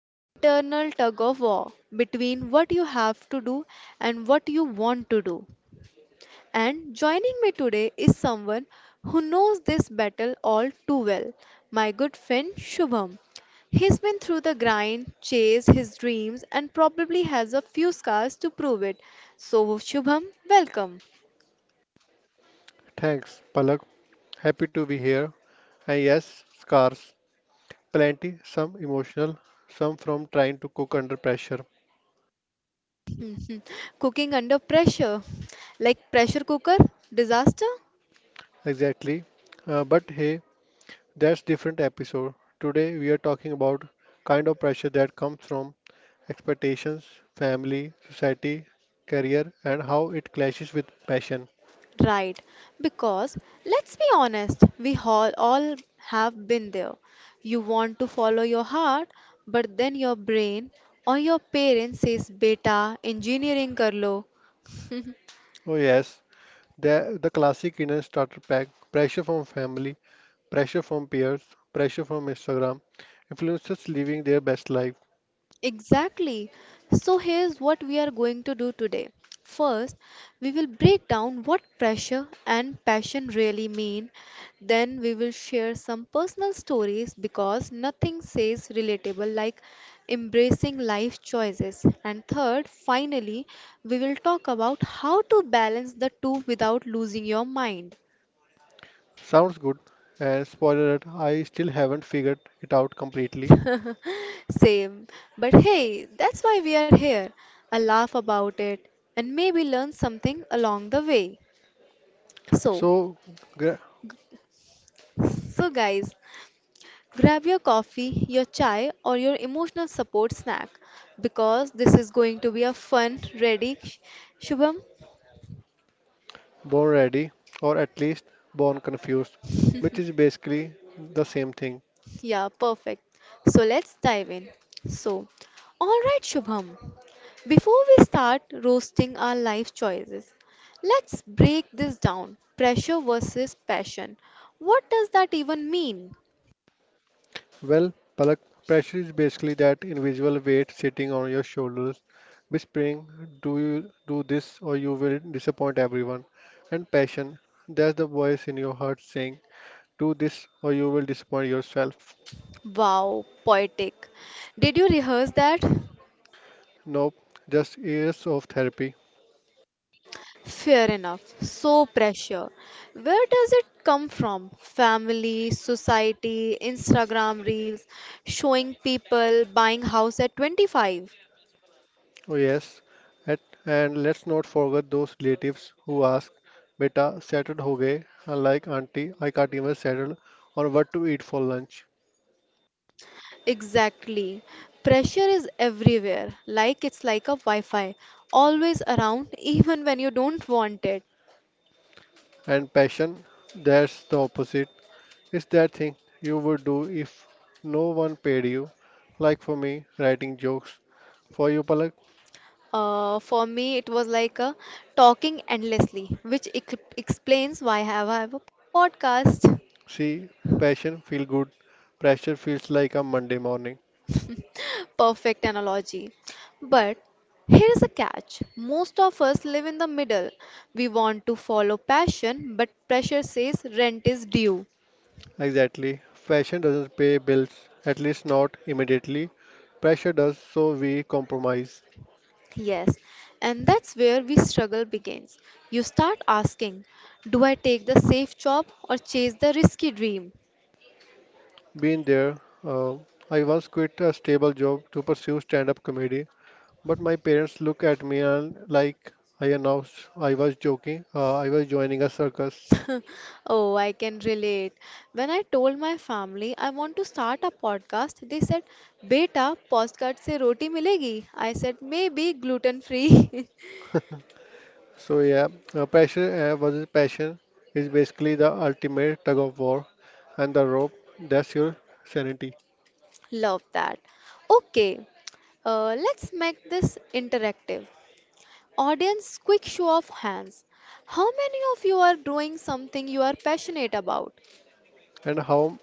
the internal tug of war between what you have to do and what you want to do. And joining me today is someone who knows this battle all too well, my good friend Shubham. He's been through the grind, chased his dreams, and probably has a few scars to prove it. So, Shubham, welcome. Thanks, Palak. Happy to be here. And yes, scars. Plenty, some emotional, some from trying to cook under pressure. Cooking under pressure, like pressure cooker disaster? Exactly. But hey, that's different episode. Today we are talking about kind of pressure that comes from expectations, family, society, career, and how it clashes with passion. Right, because let's be honest, we all have been there. You want to follow your heart, but then your brain or your parents says, Beta, engineering kar lo. Oh yes, the classic inner starter pack: pressure from family, pressure from peers, pressure from Instagram, influencers living their best life. Exactly. So, here's what we are going to do today. First, we will break down what pressure and passion really mean. Then, we will share some personal stories because nothing says relatable like embracing life choices. And third, finally, we will talk about how to balance the two without losing your mind. Sounds good. And spoiler alert, I still haven't figured it out completely. Same. But hey, that's why we are here. A laugh about it and maybe learn something along the way. So, So, g- so guys, grab your coffee, your chai, or your emotional support snack because this is going to be a fun, ready, Shubham. Born ready, or at least born confused, which is basically the same thing. Yeah, perfect. So let's dive in. So, all right, Shubham. Before we start roasting our life choices, let's break this down. Pressure versus passion. What does that even mean? Well, Palak, pressure is basically that invisible weight sitting on your shoulders, whispering, "Do you do this, or you will disappoint everyone." And passion, that's the voice in your heart saying, "Do this, or you will disappoint yourself." Wow, poetic. Did you rehearse that? Nope, just years of therapy. Fair enough. So pressure. Where does it come from? Family, society, Instagram reels, showing people buying house at 25. Oh, yes. At, and let's not forget those relatives who ask, Beta, settled ho gaye? Unlike auntie, I can't even settle on what to eat for lunch. Exactly. Pressure is everywhere. Like it's like a Wi-Fi, always around, even when you don't want it. And passion, that's the opposite. It's that thing you would do if no one paid you. Like for me, writing jokes. For you, Palak, For me, it was like a talking endlessly, which explains why I have a podcast. see, passion feel good. Pressure feels like a Monday morning. Perfect analogy. But here's a catch most of us live in the middle. We want to follow passion, but pressure says rent is due. Exactly. Fashion doesn't pay bills, at least not immediately. Pressure does, so we compromise. Yes, and that's where we struggle begins. You start asking, Do I take the safe job or chase the risky dream? Been there. I once quit a stable job to pursue stand-up comedy, but my parents look at me and like I announced I was joking. I was joining a circus. Oh, I can relate. When I told my family I want to start a podcast, they said, "Beta, postcard se roti milegi." I said, "Maybe gluten free." So yeah, pressure versus passion is basically the ultimate tug of war, and the rope that's your sanity. Love that. Okay, let's make this interactive. Audience, quick show of hands. How many of you are doing something you are passionate about? And how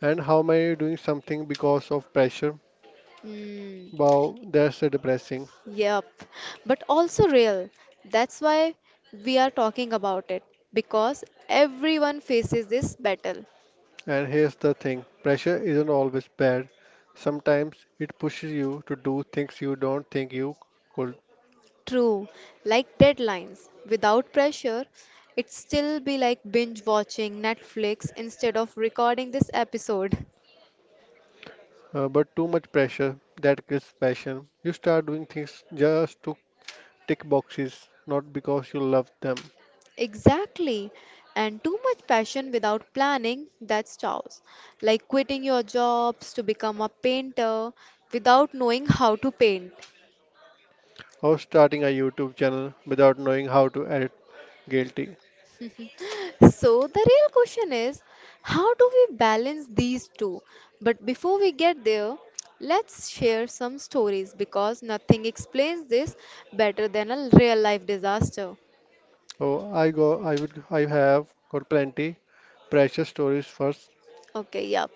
and how am I doing something because of pressure? Hmm, Wow, that's a depressing. yep, but also real. That's why we are talking about it because everyone faces this battle. And here's the thing, pressure isn't always bad. Sometimes it pushes you to do things you don't think you could. True, like deadlines. Without pressure, it'd still be like binge watching Netflix instead of recording this episode. But too much pressure, that kills passion. You start doing things just to tick boxes, not because you love them. Exactly. And too much passion without planning, that's chaos. Like quitting your jobs to become a painter without knowing how to paint. Or starting a YouTube channel without knowing how to edit. Guilty. So, the real question is how do we balance these two? But before we get there, let's share some stories because nothing explains this better than a real life disaster. Oh, I go. I would. I have got plenty pressure stories first. Okay, yeah.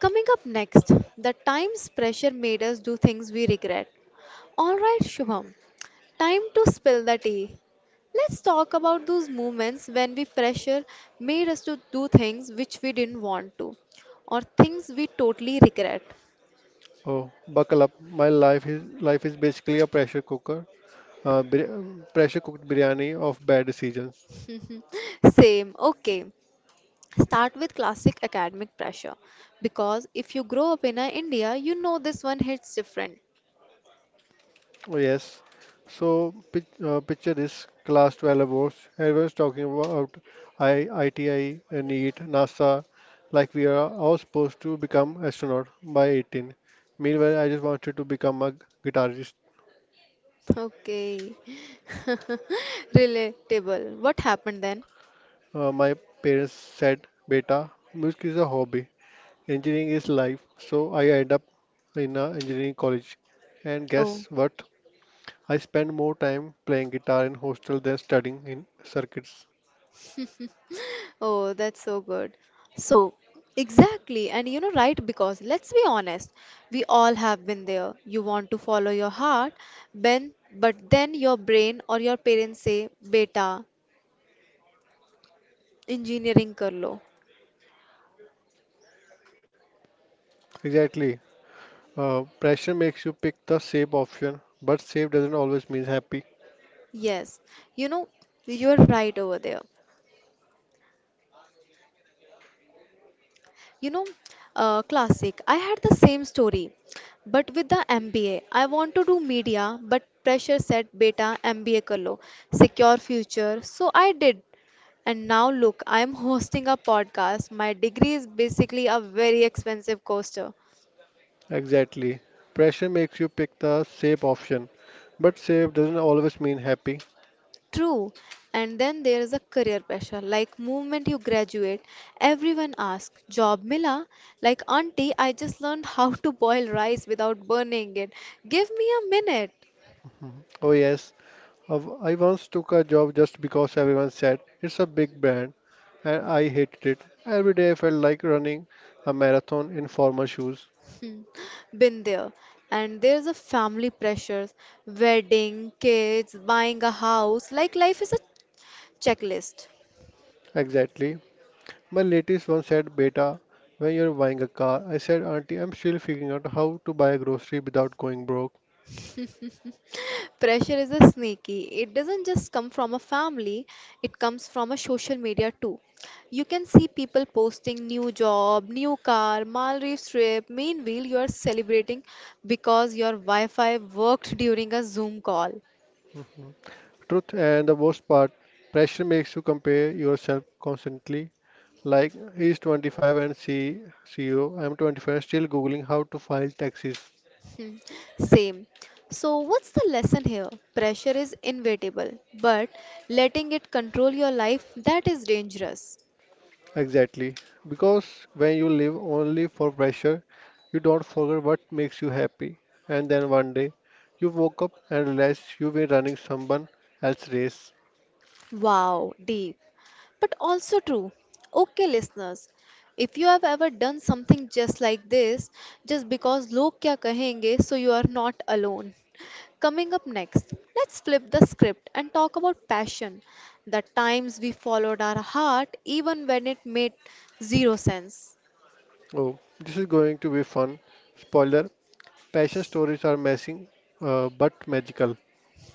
Coming up next, the times pressure made us do things we regret. Alright, Shubham, time to spill the tea. Let's talk about those moments when we pressure made us to do things which we didn't want to or things we totally regret. Oh, buckle up. My life is basically a pressure cooker. Pressure cooked biryani of bad decisions. Same, okay. Start with classic academic pressure because if you grow up in a India, you know this one hits different. Oh, yes. So picture this class 12 awards. Everyone's talking about ITI, NEET, NASA, like we are all supposed to become astronaut by 18. Meanwhile, I just wanted to become a guitarist. Okay. Relatable. What happened then? My parents said, "Beta, music is a hobby. Engineering is life." So I end up in a engineering college. And Oh. guess what? I spend more time playing guitar in hostel than studying in circuits. Oh, that's so good. So, exactly. And you know, right? Because let's be honest, we all have been there. You want to follow your heart, ben, but then your brain or your parents say, Beta, engineering kar lo. Exactly. Pressure makes you pick the safe option, but safe doesn't always mean happy. Yes, you know, you're right over there. You know, classic. I had the same story, but with the MBA. I want to do media, but pressure said beta MBA karlo, secure future. So I did. And now look, I'm hosting a podcast. My degree is basically a very expensive coaster. Exactly. Pressure makes you pick the safe option, but safe doesn't always mean happy. True. And then there is a career pressure. Like moment you graduate, everyone asks, job mila? Like auntie, I just learned how to boil rice without burning it. Give me a minute. Oh, yes. I once took a job just because everyone said it's a big brand, and I hated it. Every day I felt like running a marathon in formal shoes. Hmm, been there. And there's a family pressures, wedding, kids, buying a house, like life is a checklist. Exactly. My latest one said, Beta, when you're buying a car, I said, Auntie, I'm still figuring out how to buy a grocery without going broke. Pressure is a sneaky. It doesn't just come from a family, it comes from a social media too. You can see people posting new job, new car, Maldives trip. Meanwhile, you are celebrating because your Wi-Fi worked during a Zoom call. Truth and the worst part, pressure makes you compare yourself constantly. Like, he's 25 and C CEO, I'm 25 still googling how to file taxes. Hmm, same. So, what's the lesson here? Pressure is inevitable, but letting it control your life that is dangerous. Exactly. Because when you live only for pressure, you don't forget what makes you happy. And then one day, you woke up and realized you've been running someone else's race. Wow, deep, but also true. Okay, listeners, if you have ever done something just like this, just because log kya kahenge, so you are not alone. Coming up next, let's flip the script and talk about passion. The times we followed our heart even when it made zero sense. Oh, this is going to be fun. Spoiler, passion stories are messy, but magical.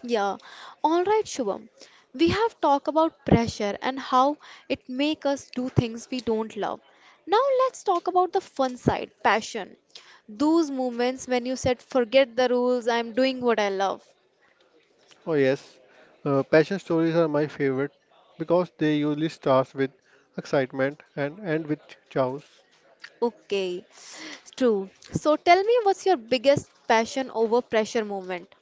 Yeah, all right, Shubham. We have talked about pressure and how it make us do things we don't love. Now let's talk about the fun side, passion. Those moments when you said, "Forget the rules, I'm doing what I love." Oh yes, passion stories are my favorite because they usually start with excitement and end with chaos. Okay, true. So tell me, what's your biggest passion over pressure moment?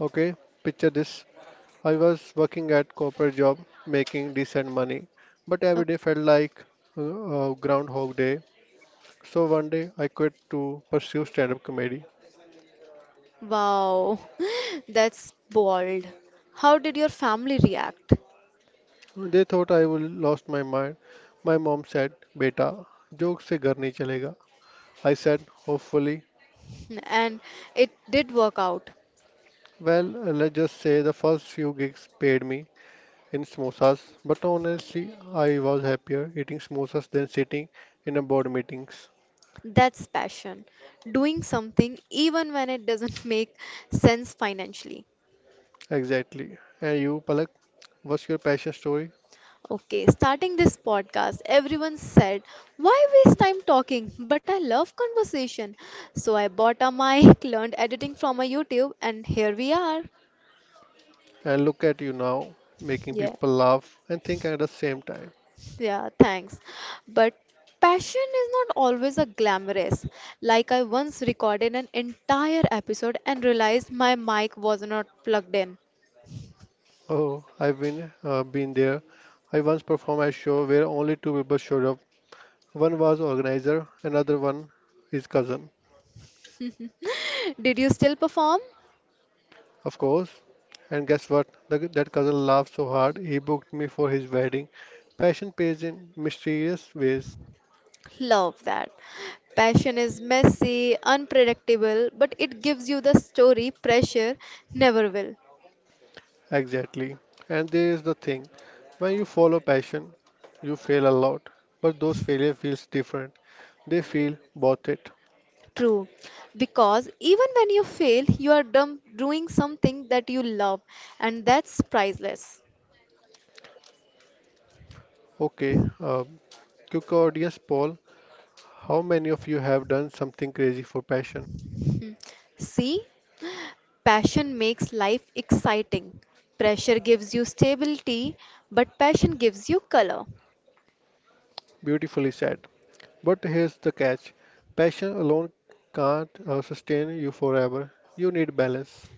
Okay, picture this. I was working at corporate job making decent money, but every day Okay. felt like Groundhog Day. So one day I quit to pursue stand-up comedy. Wow, that's bold. How did your family react? They thought I would lost my mind. My mom said, "Beta, joke se घर नहीं चलेगा." I said, hopefully. And it did work out. Well, let's just say the first few gigs paid me in samosas, but honestly, I was happier eating samosas than sitting in a board meetings. That's passion. Doing something even when it doesn't make sense financially. Exactly. And you, Palak, what's your passion story? Okay, starting this podcast, everyone said, Why waste time talking? But I love conversation. So I bought a mic, learned editing from a YouTube, and here we are. And look at you now, making Yeah, people laugh and think at the same time. yeah, thanks. But passion is not always a glamorous. Like I once recorded an entire episode and realized my mic was not plugged in. Oh, I've been there. I once performed a show where only two people showed up. One was organizer, another one his cousin, Did you still perform? of course. And guess what? That cousin laughed so hard he booked me for his wedding. Passion pays in mysterious ways, Love that. Passion is messy, unpredictable, but it gives you the story pressure never will. exactly. And there is the thing: when you follow passion, you fail a lot, but those failure feels different. They feel worth it. True. Because even when you fail, you are dumb doing something that you love, and that's priceless. Okay, quick audience poll: How many of you have done something crazy for passion? See, passion makes life exciting. Pressure gives you stability, but passion gives you color. Beautifully said. But here's the catch passion alone can't sustain you forever. You need balance.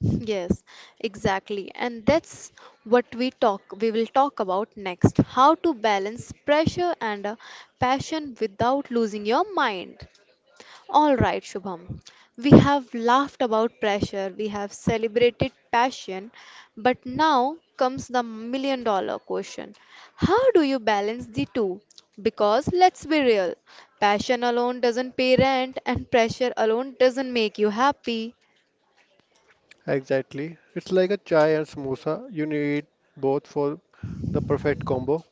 Yes, exactly. And that's what we will talk about next. How to balance pressure and passion without losing your mind. All right, Shubham. We have laughed about pressure, we have celebrated passion, but now comes the $1 million question. How do you balance the two? Because let's be real, passion alone doesn't pay rent and pressure alone doesn't make you happy. Exactly. It's like a chai and samosa. You need both for the perfect combo.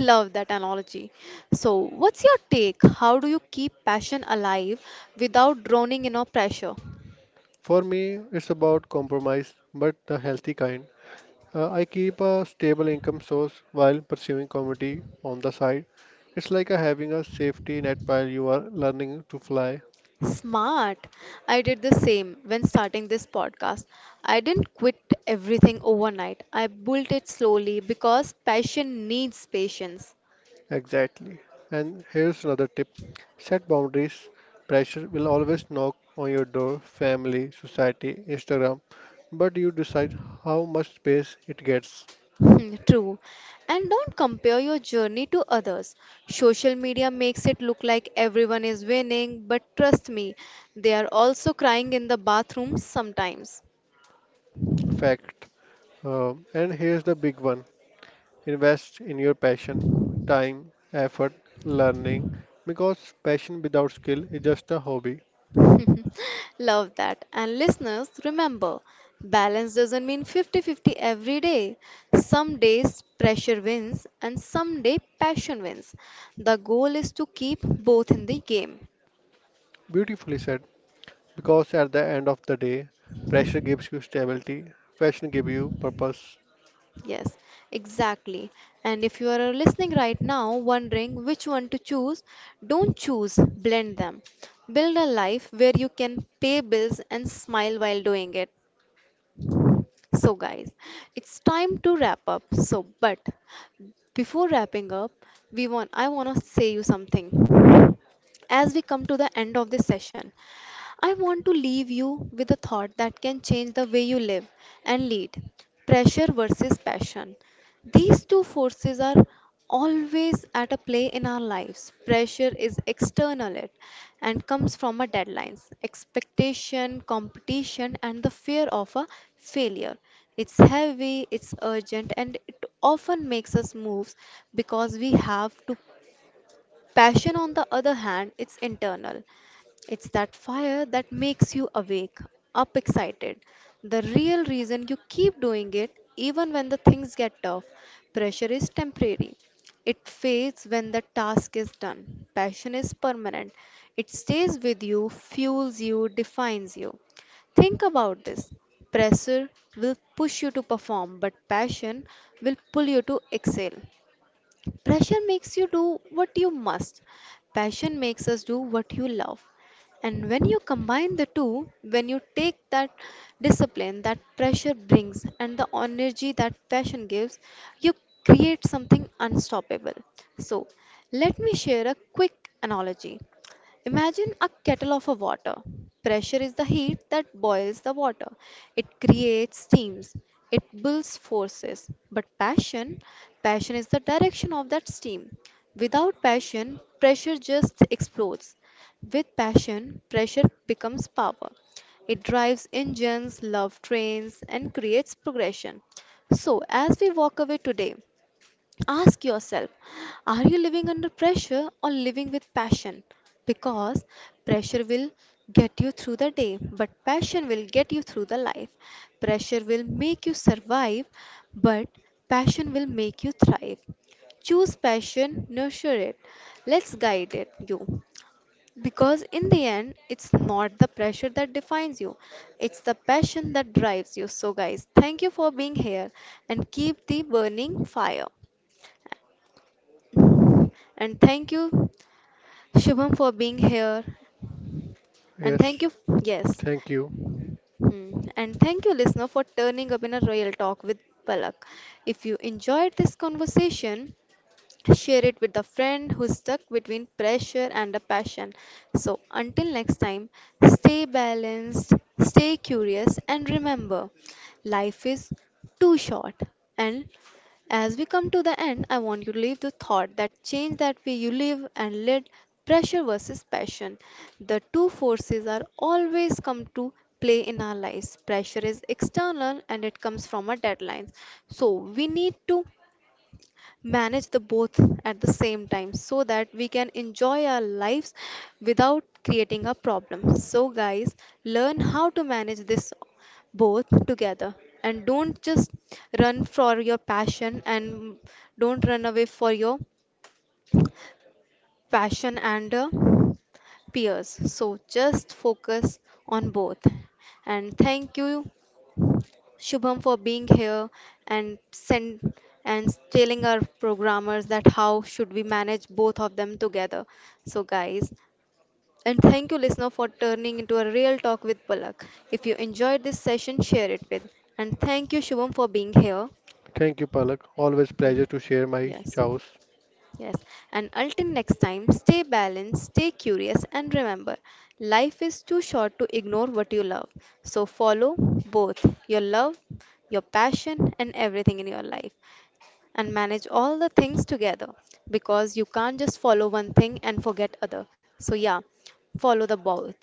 Love that analogy. So, what's your take? How do you keep passion alive without drowning in a pressure? For me, it's about compromise, but the healthy kind. I keep a stable income source while pursuing comedy on the side. It's like a having a safety net while you are learning to fly. Smart. I did the same when starting this podcast. I didn't quit everything overnight. I built it slowly because passion needs patience. Exactly. And here's another tip set boundaries. Pressure will always knock on your door family, society, Instagram, but you decide how much space it gets. Hmm, true. And don't compare your journey to others. Social media makes it look like everyone is winning, but trust me, they are also crying in the bathroom sometimes. Fact. And here's the big one invest in your passion, time, effort, learning, because passion without skill is just a hobby. Love that. And listeners, remember, balance doesn't mean 50-50 every day. Some days pressure wins, and some day passion wins. The goal is to keep both in the game. Beautifully said. Because at the end of the day, pressure gives you stability, passion gives you purpose. Yes, exactly. And if you are listening right now, wondering which one to choose, don't choose, blend them. Build a life where you can pay bills and smile while doing it. So, guys, it's time to wrap up. But before wrapping up, we want I want to say you something. As we come to the end of this session, I want to leave you with a thought that can change the way you live and lead pressure versus passion. These two forces are always at a play in our lives. Pressure is external it and comes from a deadlines, expectation, competition and the fear of a failure. It's heavy, it's urgent and it often makes us move because we have to. Passion, on the other hand, it's internal. It's that fire that makes you awake, up excited. The real reason you keep doing it, even when the things get tough, pressure is temporary. It fades when the task is done. Passion is permanent. It stays with you, fuels you, defines you. Think about this. Pressure will push you to perform, but passion will pull you to excel. Pressure makes you do what you must. Passion makes us do what you love. And when you combine the two, when you take that discipline that pressure brings and the energy that passion gives, you create something unstoppable. So, let me share a quick analogy. Imagine a kettle of a water. Pressure is the heat that boils the water. It creates steams. It builds forces. But passion is the direction of that steam. Without passion, pressure just explodes. With passion, pressure becomes power. It drives engines, love trains, and creates progression. So, as we walk away today, ask yourself are you living under pressure or living with passion? Because pressure will get you through the day, but passion will get you through the life. Pressure will make you survive, but passion will make you thrive. Choose passion, nurture it. Let's guide it, you. Because in the end, it's not the pressure that defines you, it's the passion that drives you. So, guys, thank you for being here and keep the burning fire. And thank you, Shubham, for being here. And thank Yes, you, yes. thank you. Hmm. And thank you, listener, for turning up in a real talk with Palak. If you enjoyed this conversation, share it with a friend who's stuck between pressure and a passion. So, until next time, stay balanced, stay curious, and remember life is too short. And as we come to the end, I want you to leave the thought that change that way you live and lead pressure versus passion. The two forces are always come to play in our lives. Pressure is external and it comes from our deadlines. So we need to manage the both at the same time so that we can enjoy our lives without creating a problem so guys learn how to manage this both together and don't just run for your passion and don't run away for your passion and peers so just focus on both and thank you Shubham for being here and send and telling our programmers that how should we manage both of them together. So guys, and thank you listener for turning into a real talk with Palak. If you enjoyed this session, share it with. And thank you Shubham for being here. Thank you, Palak. Always Yeah. pleasure to share my Yes. chows. Yes, and until next time, stay balanced, stay curious, and remember life is too short to ignore what you love. So follow both your love, your passion, and everything in your life, and manage all the things together because you can't just follow one thing and forget other. So, yeah, follow the both.